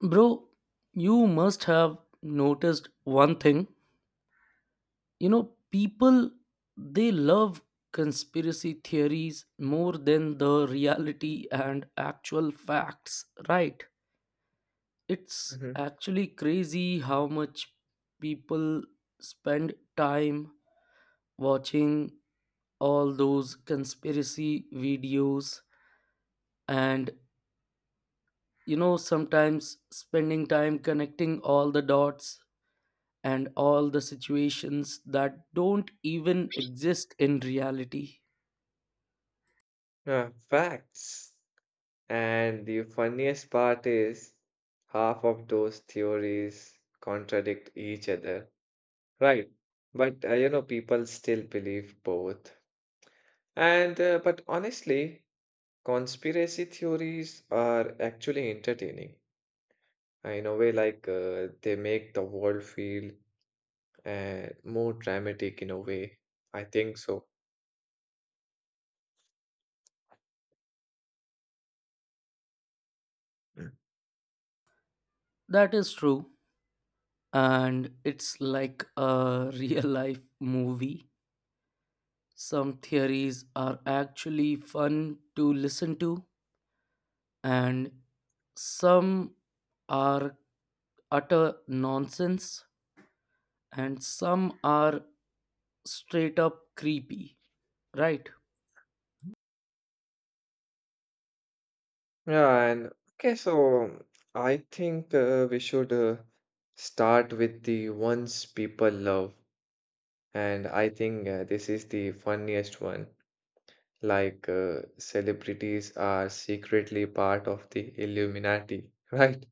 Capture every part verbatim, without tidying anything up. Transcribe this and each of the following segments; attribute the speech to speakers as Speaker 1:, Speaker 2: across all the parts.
Speaker 1: Bro, you must have noticed one thing. You know, people they love conspiracy theories more than the reality and actual facts, right? It's
Speaker 2: Mhm.
Speaker 1: actually crazy how much people spend time watching all those conspiracy videos and you know sometimes spending time connecting all the dots and all the situations that don't even exist in reality.
Speaker 2: Yeah, facts. And the funniest part is half of those theories contradict each other, right? But uh, you know, people still believe both. And uh, but honestly, conspiracy theories are actually entertaining. Uh, In a way, like uh, they make the world feel uh, more dramatic in a way. I think so.
Speaker 1: That is true. And it's like a real life movie. Some theories are actually fun to listen to, and some are utter nonsense, and some are straight up creepy, right?
Speaker 2: Yeah, and okay, so I think uh, we should uh, start with the ones people love. And I think uh, this is the funniest one. Like, uh, celebrities are secretly part of the Illuminati, right?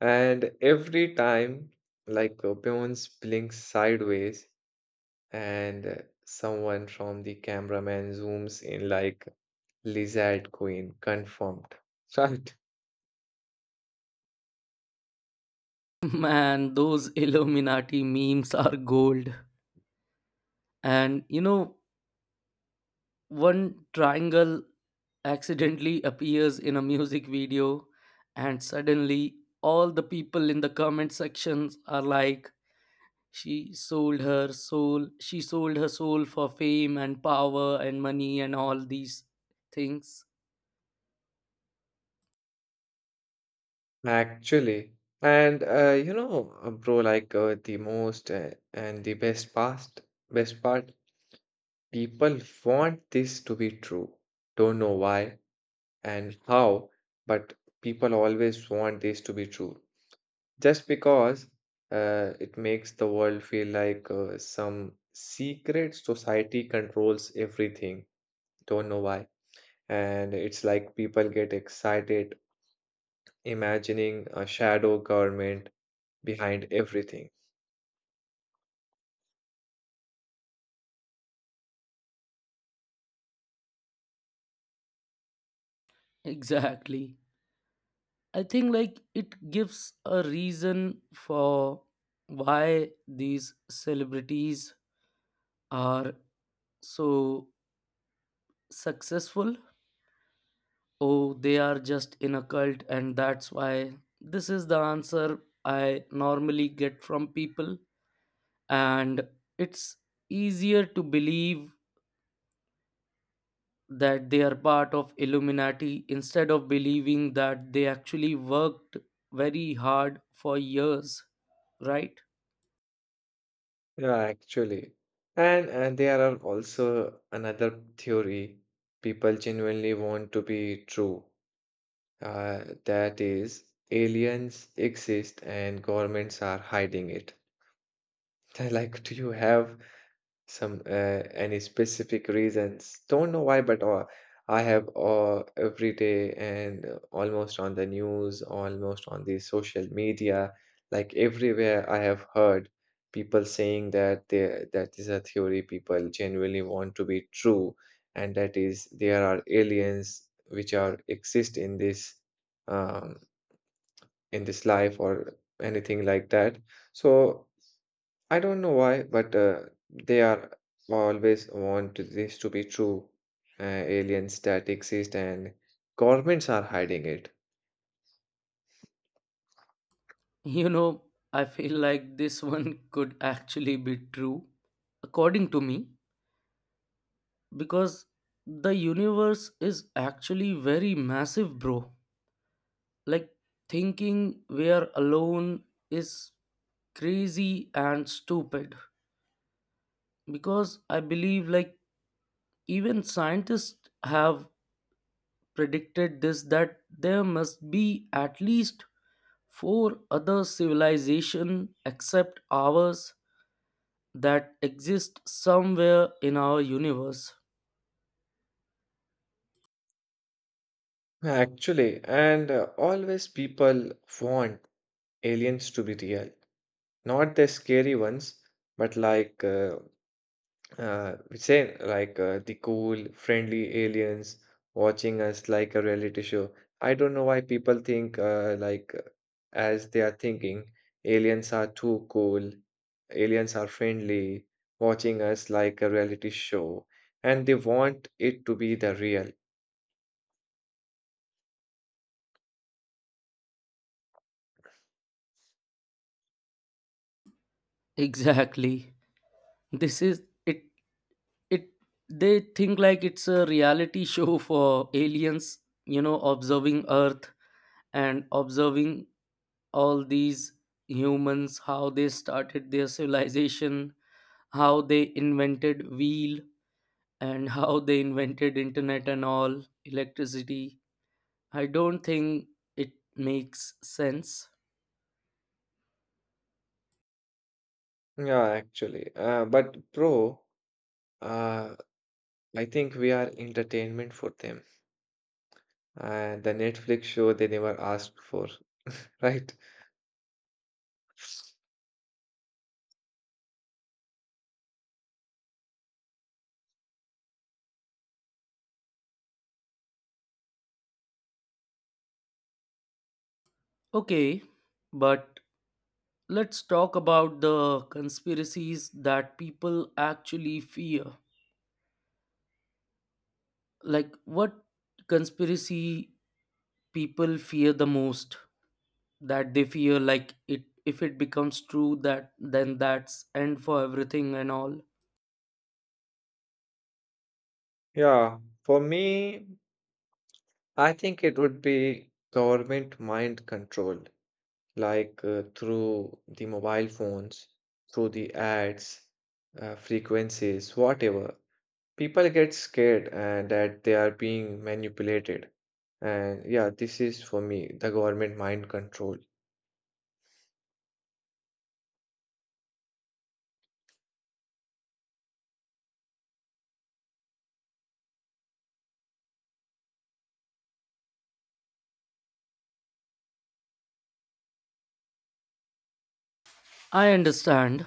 Speaker 2: And every time, like, uh, Beyonce blinks sideways, and uh, someone from the cameraman zooms in, like, Lizard Queen confirmed, right?
Speaker 1: Man, those Illuminati memes are gold. And you know, one triangle accidentally appears in a music video and suddenly all the people in the comment sections are like, she sold her soul, she sold her soul for fame and power and money and all these things.
Speaker 2: Actually, and uh, you know, uh, bro, like uh, the most uh, and the best past, best part, people want this to be true. Don't know why and how, but people always want this to be true. Just because uh, it makes the world feel like uh, some secret society controls everything. Don't know why. And it's like people get excited imagining a shadow government behind everything.
Speaker 1: Exactly. I think like it gives a reason for why these celebrities are so successful. Oh, they are just in a cult, and that's why this is the answer I normally get from people. And it's easier to believe that they are part of Illuminati instead of believing that they actually worked very hard for years, right?
Speaker 2: Yeah, actually. And and there are also another theory people genuinely want to be true. Uh, that is, aliens exist and governments are hiding it. Like, do you have some uh, any specific reasons? Don't know why, but uh, I have uh, every day and uh, almost on the news, almost on the social media, like everywhere I have heard people saying that they, that is a theory people genuinely want to be true, and that is there are aliens which are exist in this um, in this life or anything like that. So. I don't know why, but uh, they are always want this to be true. Uh, aliens that exist and governments are hiding it.
Speaker 1: You know, I feel like this one could actually be true, according to me, because the universe is actually very massive, bro, like thinking we're alone is crazy and stupid, because I believe like even scientists have predicted this, that there must be at least four other civilization except ours that exist somewhere in our universe.
Speaker 2: Actually, and uh, always people want aliens to be real, not the scary ones, but like uh, Uh, say like uh, the cool, friendly aliens watching us like a reality show. I don't know why people think uh, like uh, as they are thinking aliens are too cool, aliens are friendly, watching us like a reality show, and they want it to be the real.
Speaker 1: Exactly, this is it. it they think like it's a reality show for aliens, you know, observing earth and observing all these humans, how they started their civilization, how they invented wheel, and how they invented internet and all electricity. I don't think it makes sense.
Speaker 2: Yeah, actually. Uh, but bro, uh, I think we are entertainment for them. Uh, the Netflix show they never asked for, right?
Speaker 1: Okay, but let's talk about the conspiracies that people actually fear, like what conspiracy people fear the most, that they fear like it if it becomes true, that then that's end for everything and all.
Speaker 2: Yeah, for me, I think it would be government mind control, like uh, through the mobile phones, through the ads, uh, frequencies, whatever. People get scared and that they are being manipulated. And yeah, this is for me the government mind control.
Speaker 1: I understand.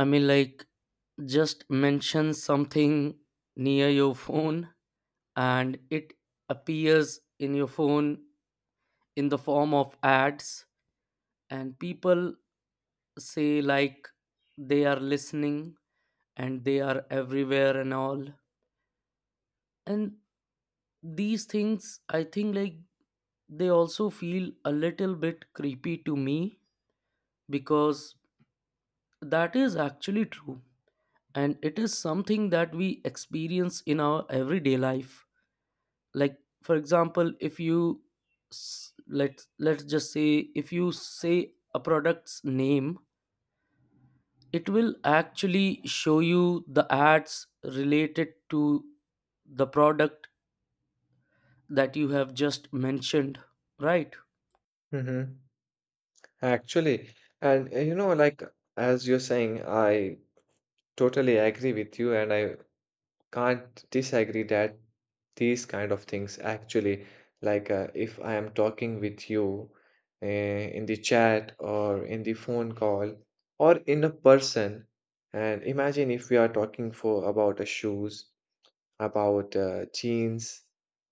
Speaker 1: I mean, like, just mention something near your phone and it appears in your phone in the form of ads, and people say like they are listening and they are everywhere and all, and these things, I think like they also feel a little bit creepy to me because that is actually true, and it is something that we experience in our everyday life. Like for example, if you s- let's let's just say, if you say a product's name, it will actually show you the ads related to the product that you have just mentioned, right?
Speaker 2: Mm-hmm. Actually, and uh, you know, like as you're saying, I totally agree with you, and I can't disagree that these kind of things actually like uh, if i am talking with you uh, in the chat or in the phone call or in a person, and imagine if we are talking for about a shoes about uh, jeans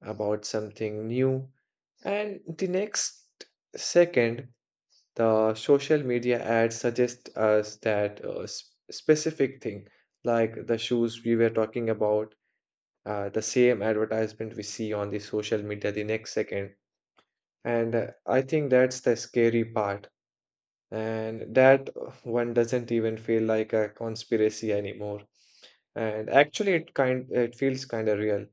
Speaker 2: about something new, and the next second the social media ad suggests us that uh, s- specific thing like the shoes we were talking about, uh, the same advertisement we see on the social media the next second. And uh, I think that's the scary part. And that uh, one doesn't even feel like a conspiracy anymore. And actually, it kind it feels kind of real.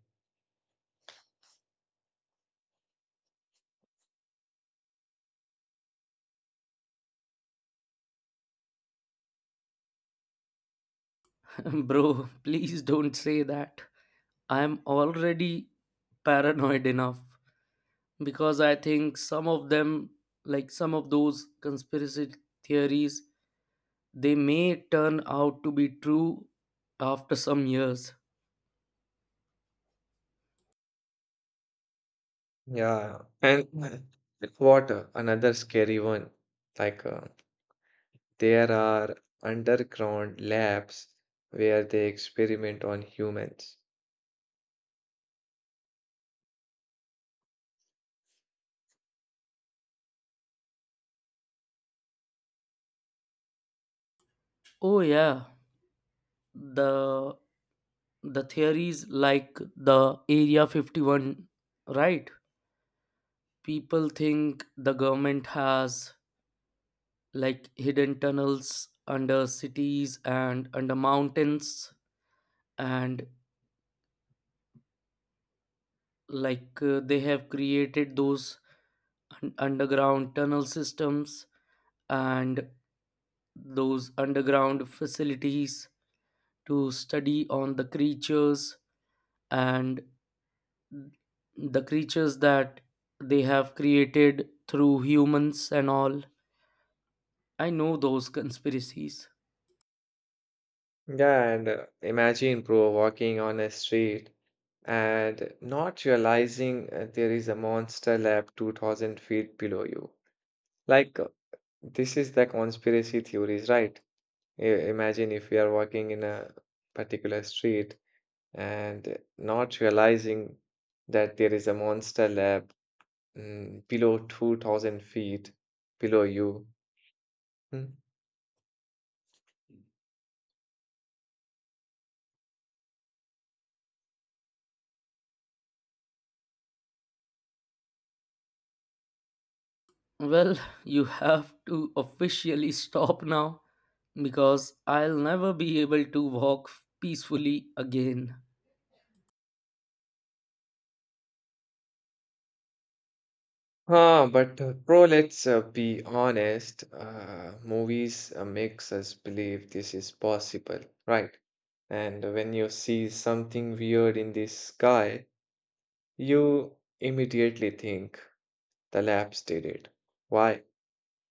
Speaker 1: Bro, please don't say that. I'm already paranoid enough because I think some of them, like some of those conspiracy theories, they may turn out to be true after some years.
Speaker 2: Yeah. And what uh, another scary one? Like uh, there are underground labs where they experiment on humans.
Speaker 1: Oh yeah, the the theories like the Area fifty-one, right? People think the government has like hidden tunnels under cities and under mountains, and like uh, they have created those un- underground tunnel systems and those underground facilities to study on the creatures, and the creatures that they have created through humans and all. I know those conspiracies.
Speaker 2: Yeah, and uh, imagine, bro, walking on a street and not realizing uh, there is a monster lab two thousand feet below you. Like, uh, this is the conspiracy theories, right? I- imagine if we are walking in a particular street and not realizing that there is a monster lab mm, below two thousand feet below you. Hmm?
Speaker 1: Well, you have to officially stop now, because I'll never be able to walk peacefully again.
Speaker 2: Huh, but uh, bro, let's uh, be honest. Uh, movies uh, makes us believe this is possible, right? And when you see something weird in the sky, you immediately think the labs did it. Why?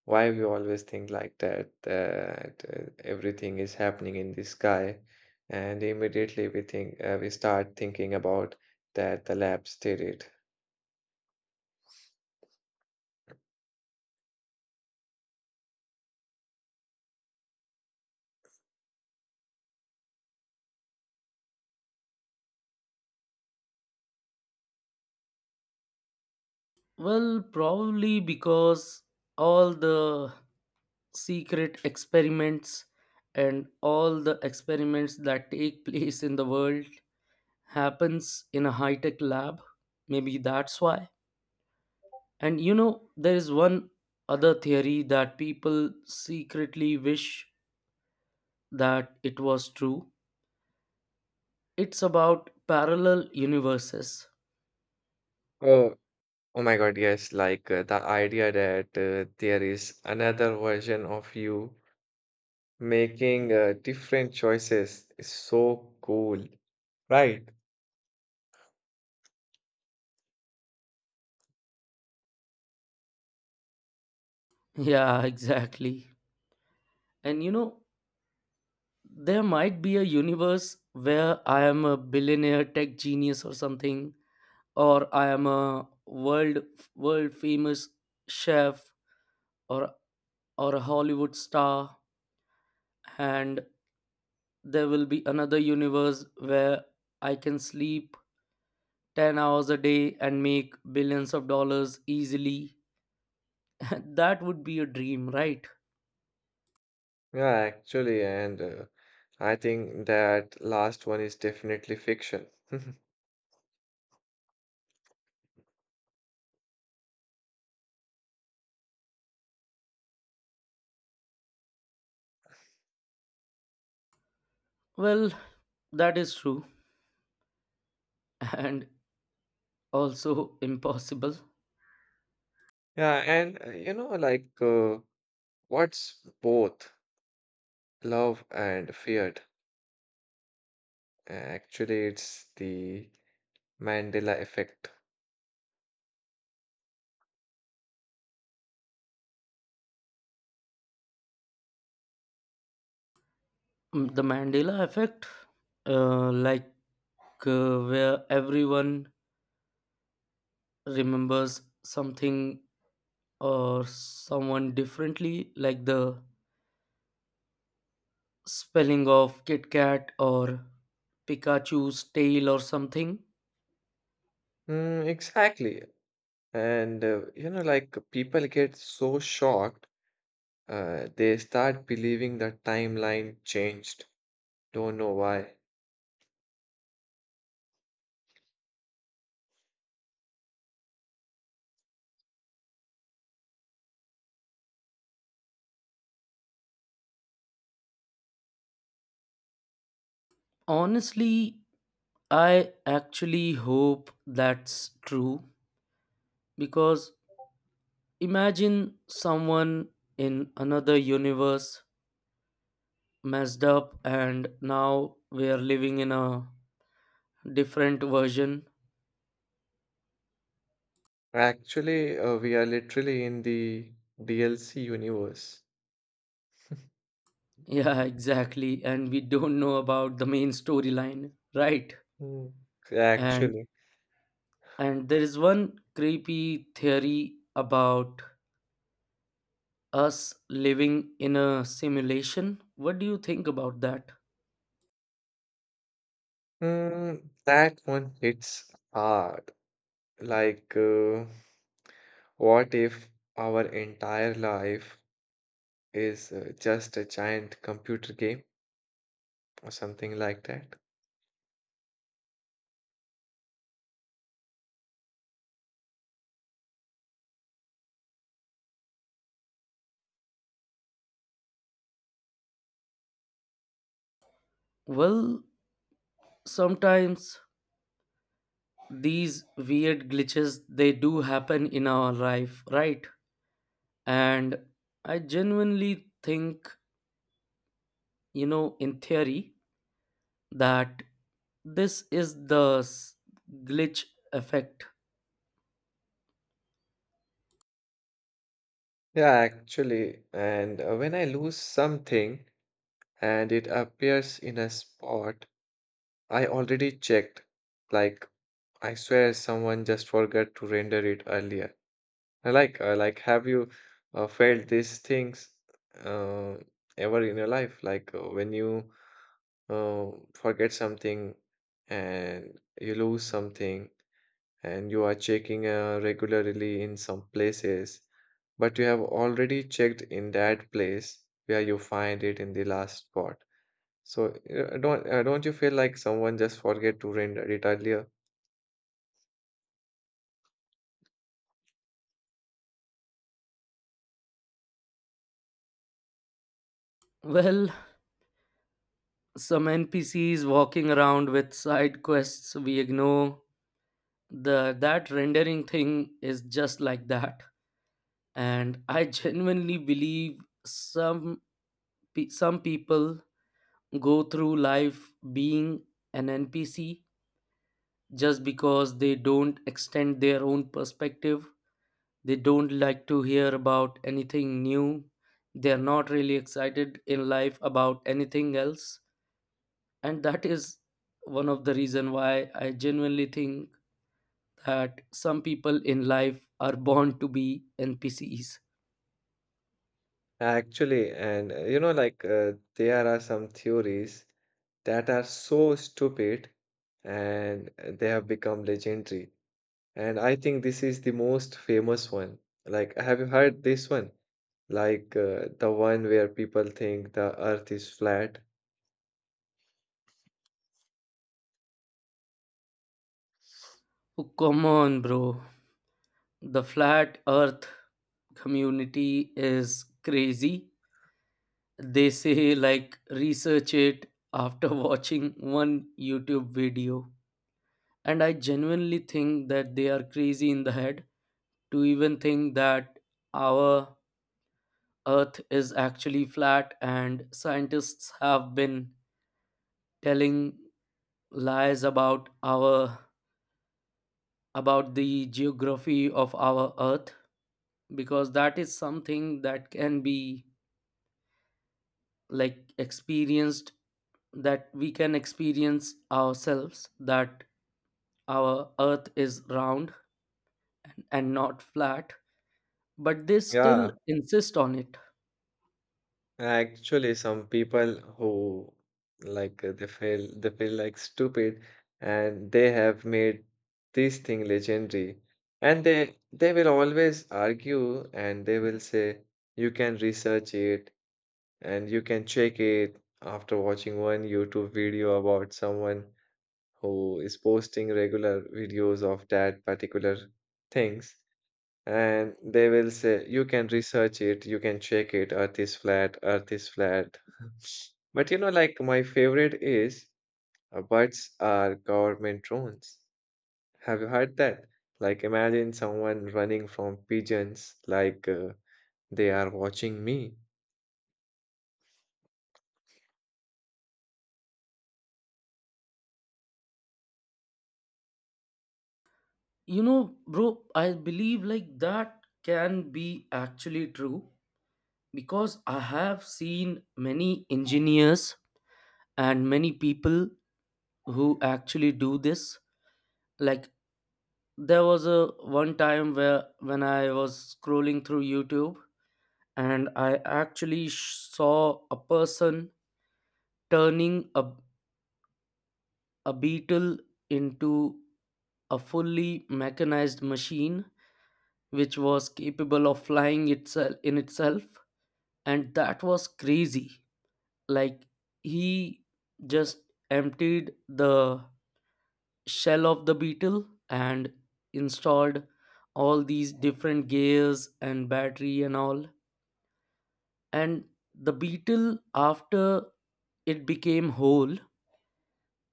Speaker 2: Why we always think like that, that uh, everything is happening in the sky, and immediately we think uh, we start thinking about that the labs did it.
Speaker 1: Well, probably because all the secret experiments and all the experiments that take place in the world happens in a high-tech lab. Maybe that's why. And you know, there is one other theory that people secretly wish that it was true. It's about parallel universes.
Speaker 2: Oh, Oh my God, yes, like uh, the idea that uh, there is another version of you making uh, different choices is so cool, right?
Speaker 1: Yeah, exactly. And you know, there might be a universe where I am a billionaire tech genius or something, or I am a world world famous chef, or or a Hollywood star, and there will be another universe where I can sleep ten hours a day and make billions of dollars easily. That would be a dream, right?
Speaker 2: Yeah, actually, and uh, I think that last one is definitely fiction.
Speaker 1: Well, that is true, and also impossible.
Speaker 2: Yeah, and uh, you know, like uh, what's both love and feared? Actually, it's the Mandela effect.
Speaker 1: Mm, the Mandela effect, uh, like, uh, where everyone remembers something or someone differently, like the spelling of Kit Kat or Pikachu's tail or something.
Speaker 2: Mm, exactly. And uh, you know, like people get so shocked, uh, they start believing the timeline changed. Don't know why.
Speaker 1: Honestly, I actually hope that's true, because imagine someone in another universe messed up and now we are living in a different version.
Speaker 2: Actually, uh, we are literally in the D L C universe.
Speaker 1: Yeah, exactly, and we don't know about the main storyline, right?
Speaker 2: Hmm.
Speaker 1: And
Speaker 2: Actually.
Speaker 1: and there is one creepy theory about us living in a simulation. What do you think about that?
Speaker 2: Mm, that one hits hard. Like, uh, what if our entire life is uh, just a giant computer game or something like that?
Speaker 1: Well, sometimes these weird glitches they do happen in our life, right? And I genuinely think, you know, in theory, that this is the s- glitch effect.
Speaker 2: Yeah, actually, and uh, when I lose something and it appears in a spot I already checked, like I swear someone just forgot to render it earlier. I Like, uh, like, have you uh, felt these things uh, ever in your life? Like uh, when you uh, forget something and you lose something and you are checking uh, regularly in some places, but you have already checked in that place where you find it in the last spot. So uh, don't uh, don't you feel like someone just forget to render it earlier?
Speaker 1: Well, some N P Cs walking around with side quests we ignore. The That rendering thing is just like that. And I genuinely believe some pe- some people go through life being an N P C just because they don't extend their own perspective. They don't like to hear about anything new. They're not really excited in life about anything else. And that is one of the reason why I genuinely think that some people in life are born to be N P Cs.
Speaker 2: Actually, and uh, you know, like uh, there are some theories that are so stupid, and uh, they have become legendary. And I think this is the most famous one. Like, have you heard this one? Like uh, the one where people think the earth is flat.
Speaker 1: Oh, come on, bro. The flat earth community is crazy. They say, like, research it after watching one YouTube video. And I genuinely think that they are crazy in the head to even think that our Earth is actually flat and scientists have been telling lies about our about the geography of our Earth, because that is something that can be like experienced, that we can experience ourselves that our earth is round and not flat, but they still
Speaker 2: Yeah,
Speaker 1: insist on it.
Speaker 2: actually, some people who like uh, they feel they feel like stupid, and they have made this thing legendary, and they they will always argue, and they will say you can research it and you can check it after watching one YouTube video about someone who is posting regular videos of that particular things, and they will say you can research it, you can check it, earth is flat, earth is flat. But you know like, my favorite is uh, birds are government drones. Have you heard that? Like, imagine someone running from pigeons, like uh, they are watching me.
Speaker 1: You know, bro, I believe like that can be actually true, because I have seen many engineers and many people who actually do this. Like, there was a one time where when I was scrolling through YouTube and I actually sh- saw a person turning a a beetle into a fully mechanized machine which was capable of flying itself in itself, and that was crazy. Like, he just emptied the shell of the beetle and installed all these different gears and battery and all, and the beetle after it became whole,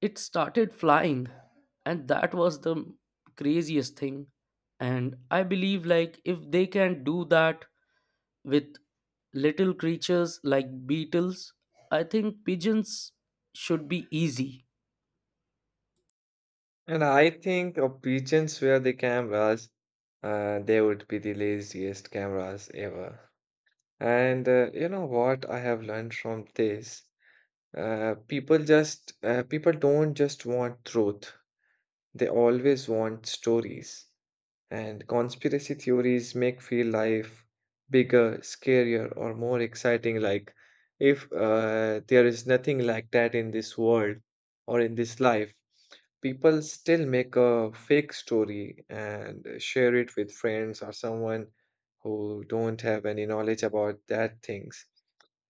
Speaker 1: it started flying, and that was the craziest thing. And I believe like if they can do that with little creatures like beetles, I think pigeons should be easy.
Speaker 2: And I think uh, pigeons were the cameras. Uh, they would be the laziest cameras ever. And uh, you know what I have learned from this? Uh, people just uh, people don't just want truth. They always want stories. And conspiracy theories make feel life bigger, scarier, or more exciting. Like, if uh, there is nothing like that in this world or in this life, people still make a fake story and share it with friends or someone who don't have any knowledge about that things.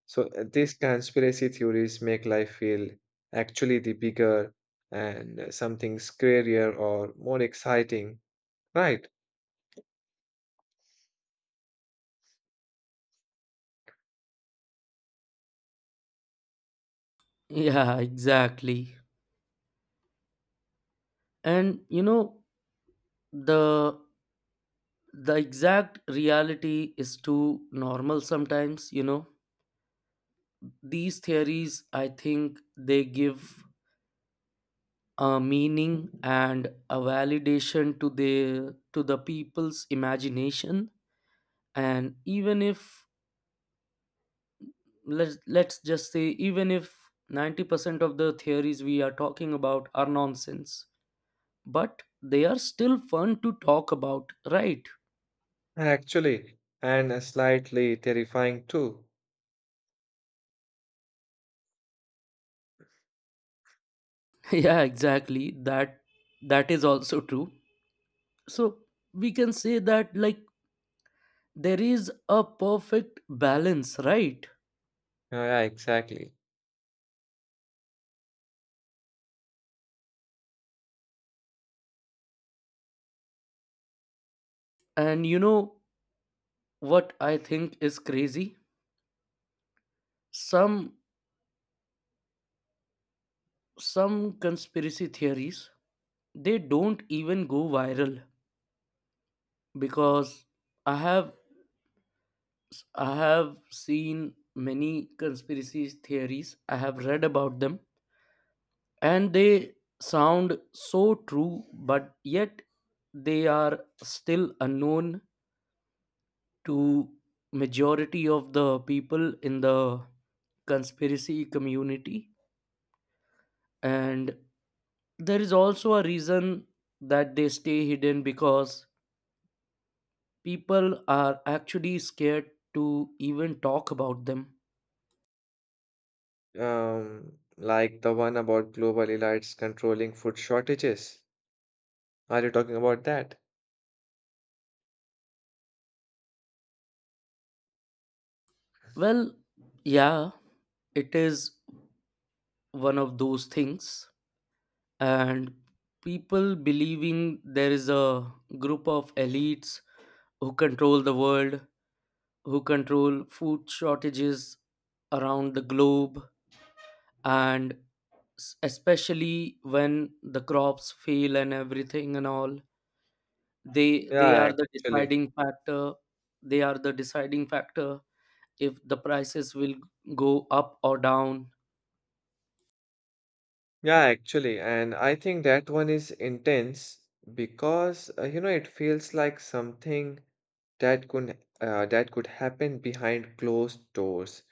Speaker 2: So uh, these conspiracy theories make life feel actually the bigger, and uh, something scarier or more exciting, right?
Speaker 1: Yeah, exactly. And you know, the the exact reality is too normal sometimes, you know. These theories, I think they give a meaning and a validation to the to the people's imagination. And even if, let's let's just say, even if ninety percent of the theories we are talking about are nonsense, but they are still fun to talk about, right?
Speaker 2: Actually, and uh, slightly terrifying too.
Speaker 1: Yeah, exactly that, that is also true. So we can say that like there is a perfect balance, right?
Speaker 2: Yeah, yeah, exactly.
Speaker 1: And you know what I think is crazy, some some conspiracy theories they don't even go viral, because I have i have seen many conspiracy theories, I have read about them, and they sound so true, but yet they are still unknown to majority of the people in the conspiracy community. And there is also a reason that they stay hidden, because people are actually scared to even talk about them.
Speaker 2: Um, like the one about global elites controlling food shortages. Are you talking about that?
Speaker 1: Well, yeah, it is one of those things. And people believing there is a group of elites who control the world, who control food shortages around the globe, and s- especially when the crops fail and everything and all, they they
Speaker 2: Yeah,
Speaker 1: are the
Speaker 2: actually.
Speaker 1: deciding factor. They are the deciding factor if the prices will go up or down.
Speaker 2: Yeah, actually, and I think that one is intense because uh, you know it feels like something that could uh, that could happen behind closed doors,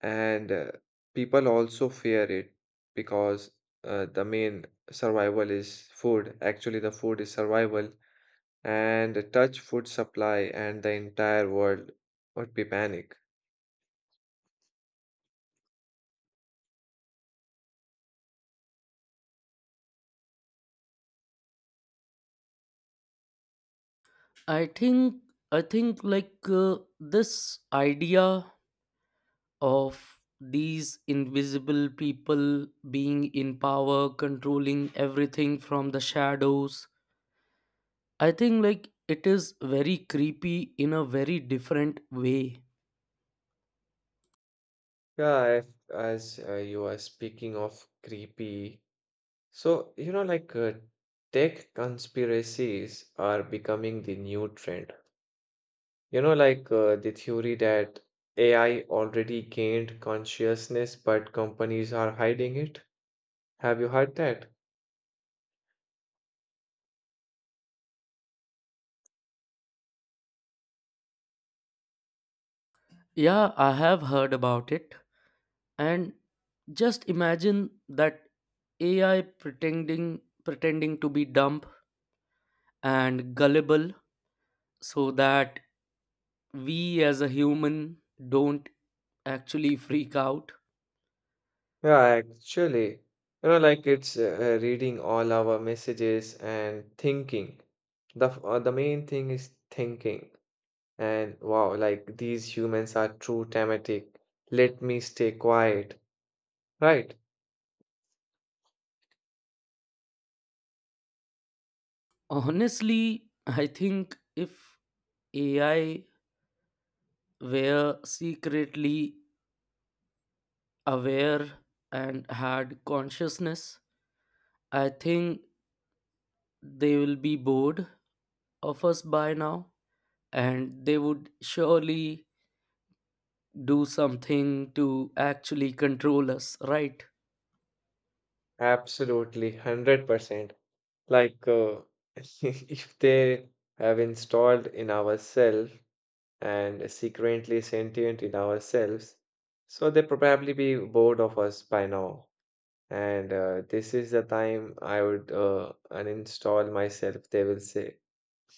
Speaker 2: and uh, people also fear it because uh, the main survival is food. Actually, the food is survival, and the touch food supply and the entire world would be panic.
Speaker 1: I think, i think like uh, this idea of these invisible people being in power controlling everything from the shadows, I think like it is very creepy in a very different way.
Speaker 2: Yeah, if, as uh, you are speaking of creepy. So, you know, like uh, tech conspiracies are becoming the new trend. You know, like uh, the theory that A I already gained consciousness, but companies are hiding it. Have you heard that?
Speaker 1: Yeah, I have heard about it, and just imagine that AI pretending pretending to be dumb and gullible so that we as a human don't actually freak out.
Speaker 2: Yeah, actually, you know, like it's uh, reading all our messages and thinking. The f- uh, the main thing is thinking. And wow, like these humans are too dramatic. Let me stay quiet, right?
Speaker 1: Honestly, I think if AI were secretly aware and had consciousness, I think they will be bored of us by now, and they would surely do something to actually control us, right?
Speaker 2: Absolutely, one hundred percent. Like, uh, if they have installed in ourselves and secretly sentient in ourselves, so they probably be bored of us by now. And uh, this is the time I would uh, uninstall myself, they will say.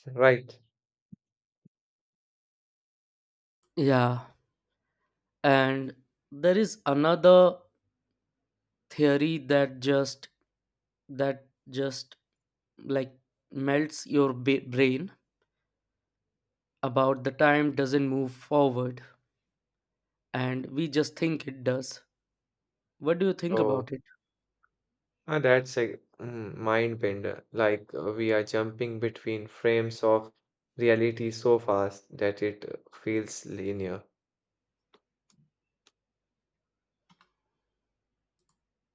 Speaker 2: Right.
Speaker 1: Yeah. And there is another theory that just, that just like, melts your ba- brain, about the time doesn't move forward and we just think it does. What do you think
Speaker 2: Oh,
Speaker 1: about it?
Speaker 2: ah, that's a mm, mind bender. Like, uh, we are jumping between frames of reality so fast that it uh, feels linear.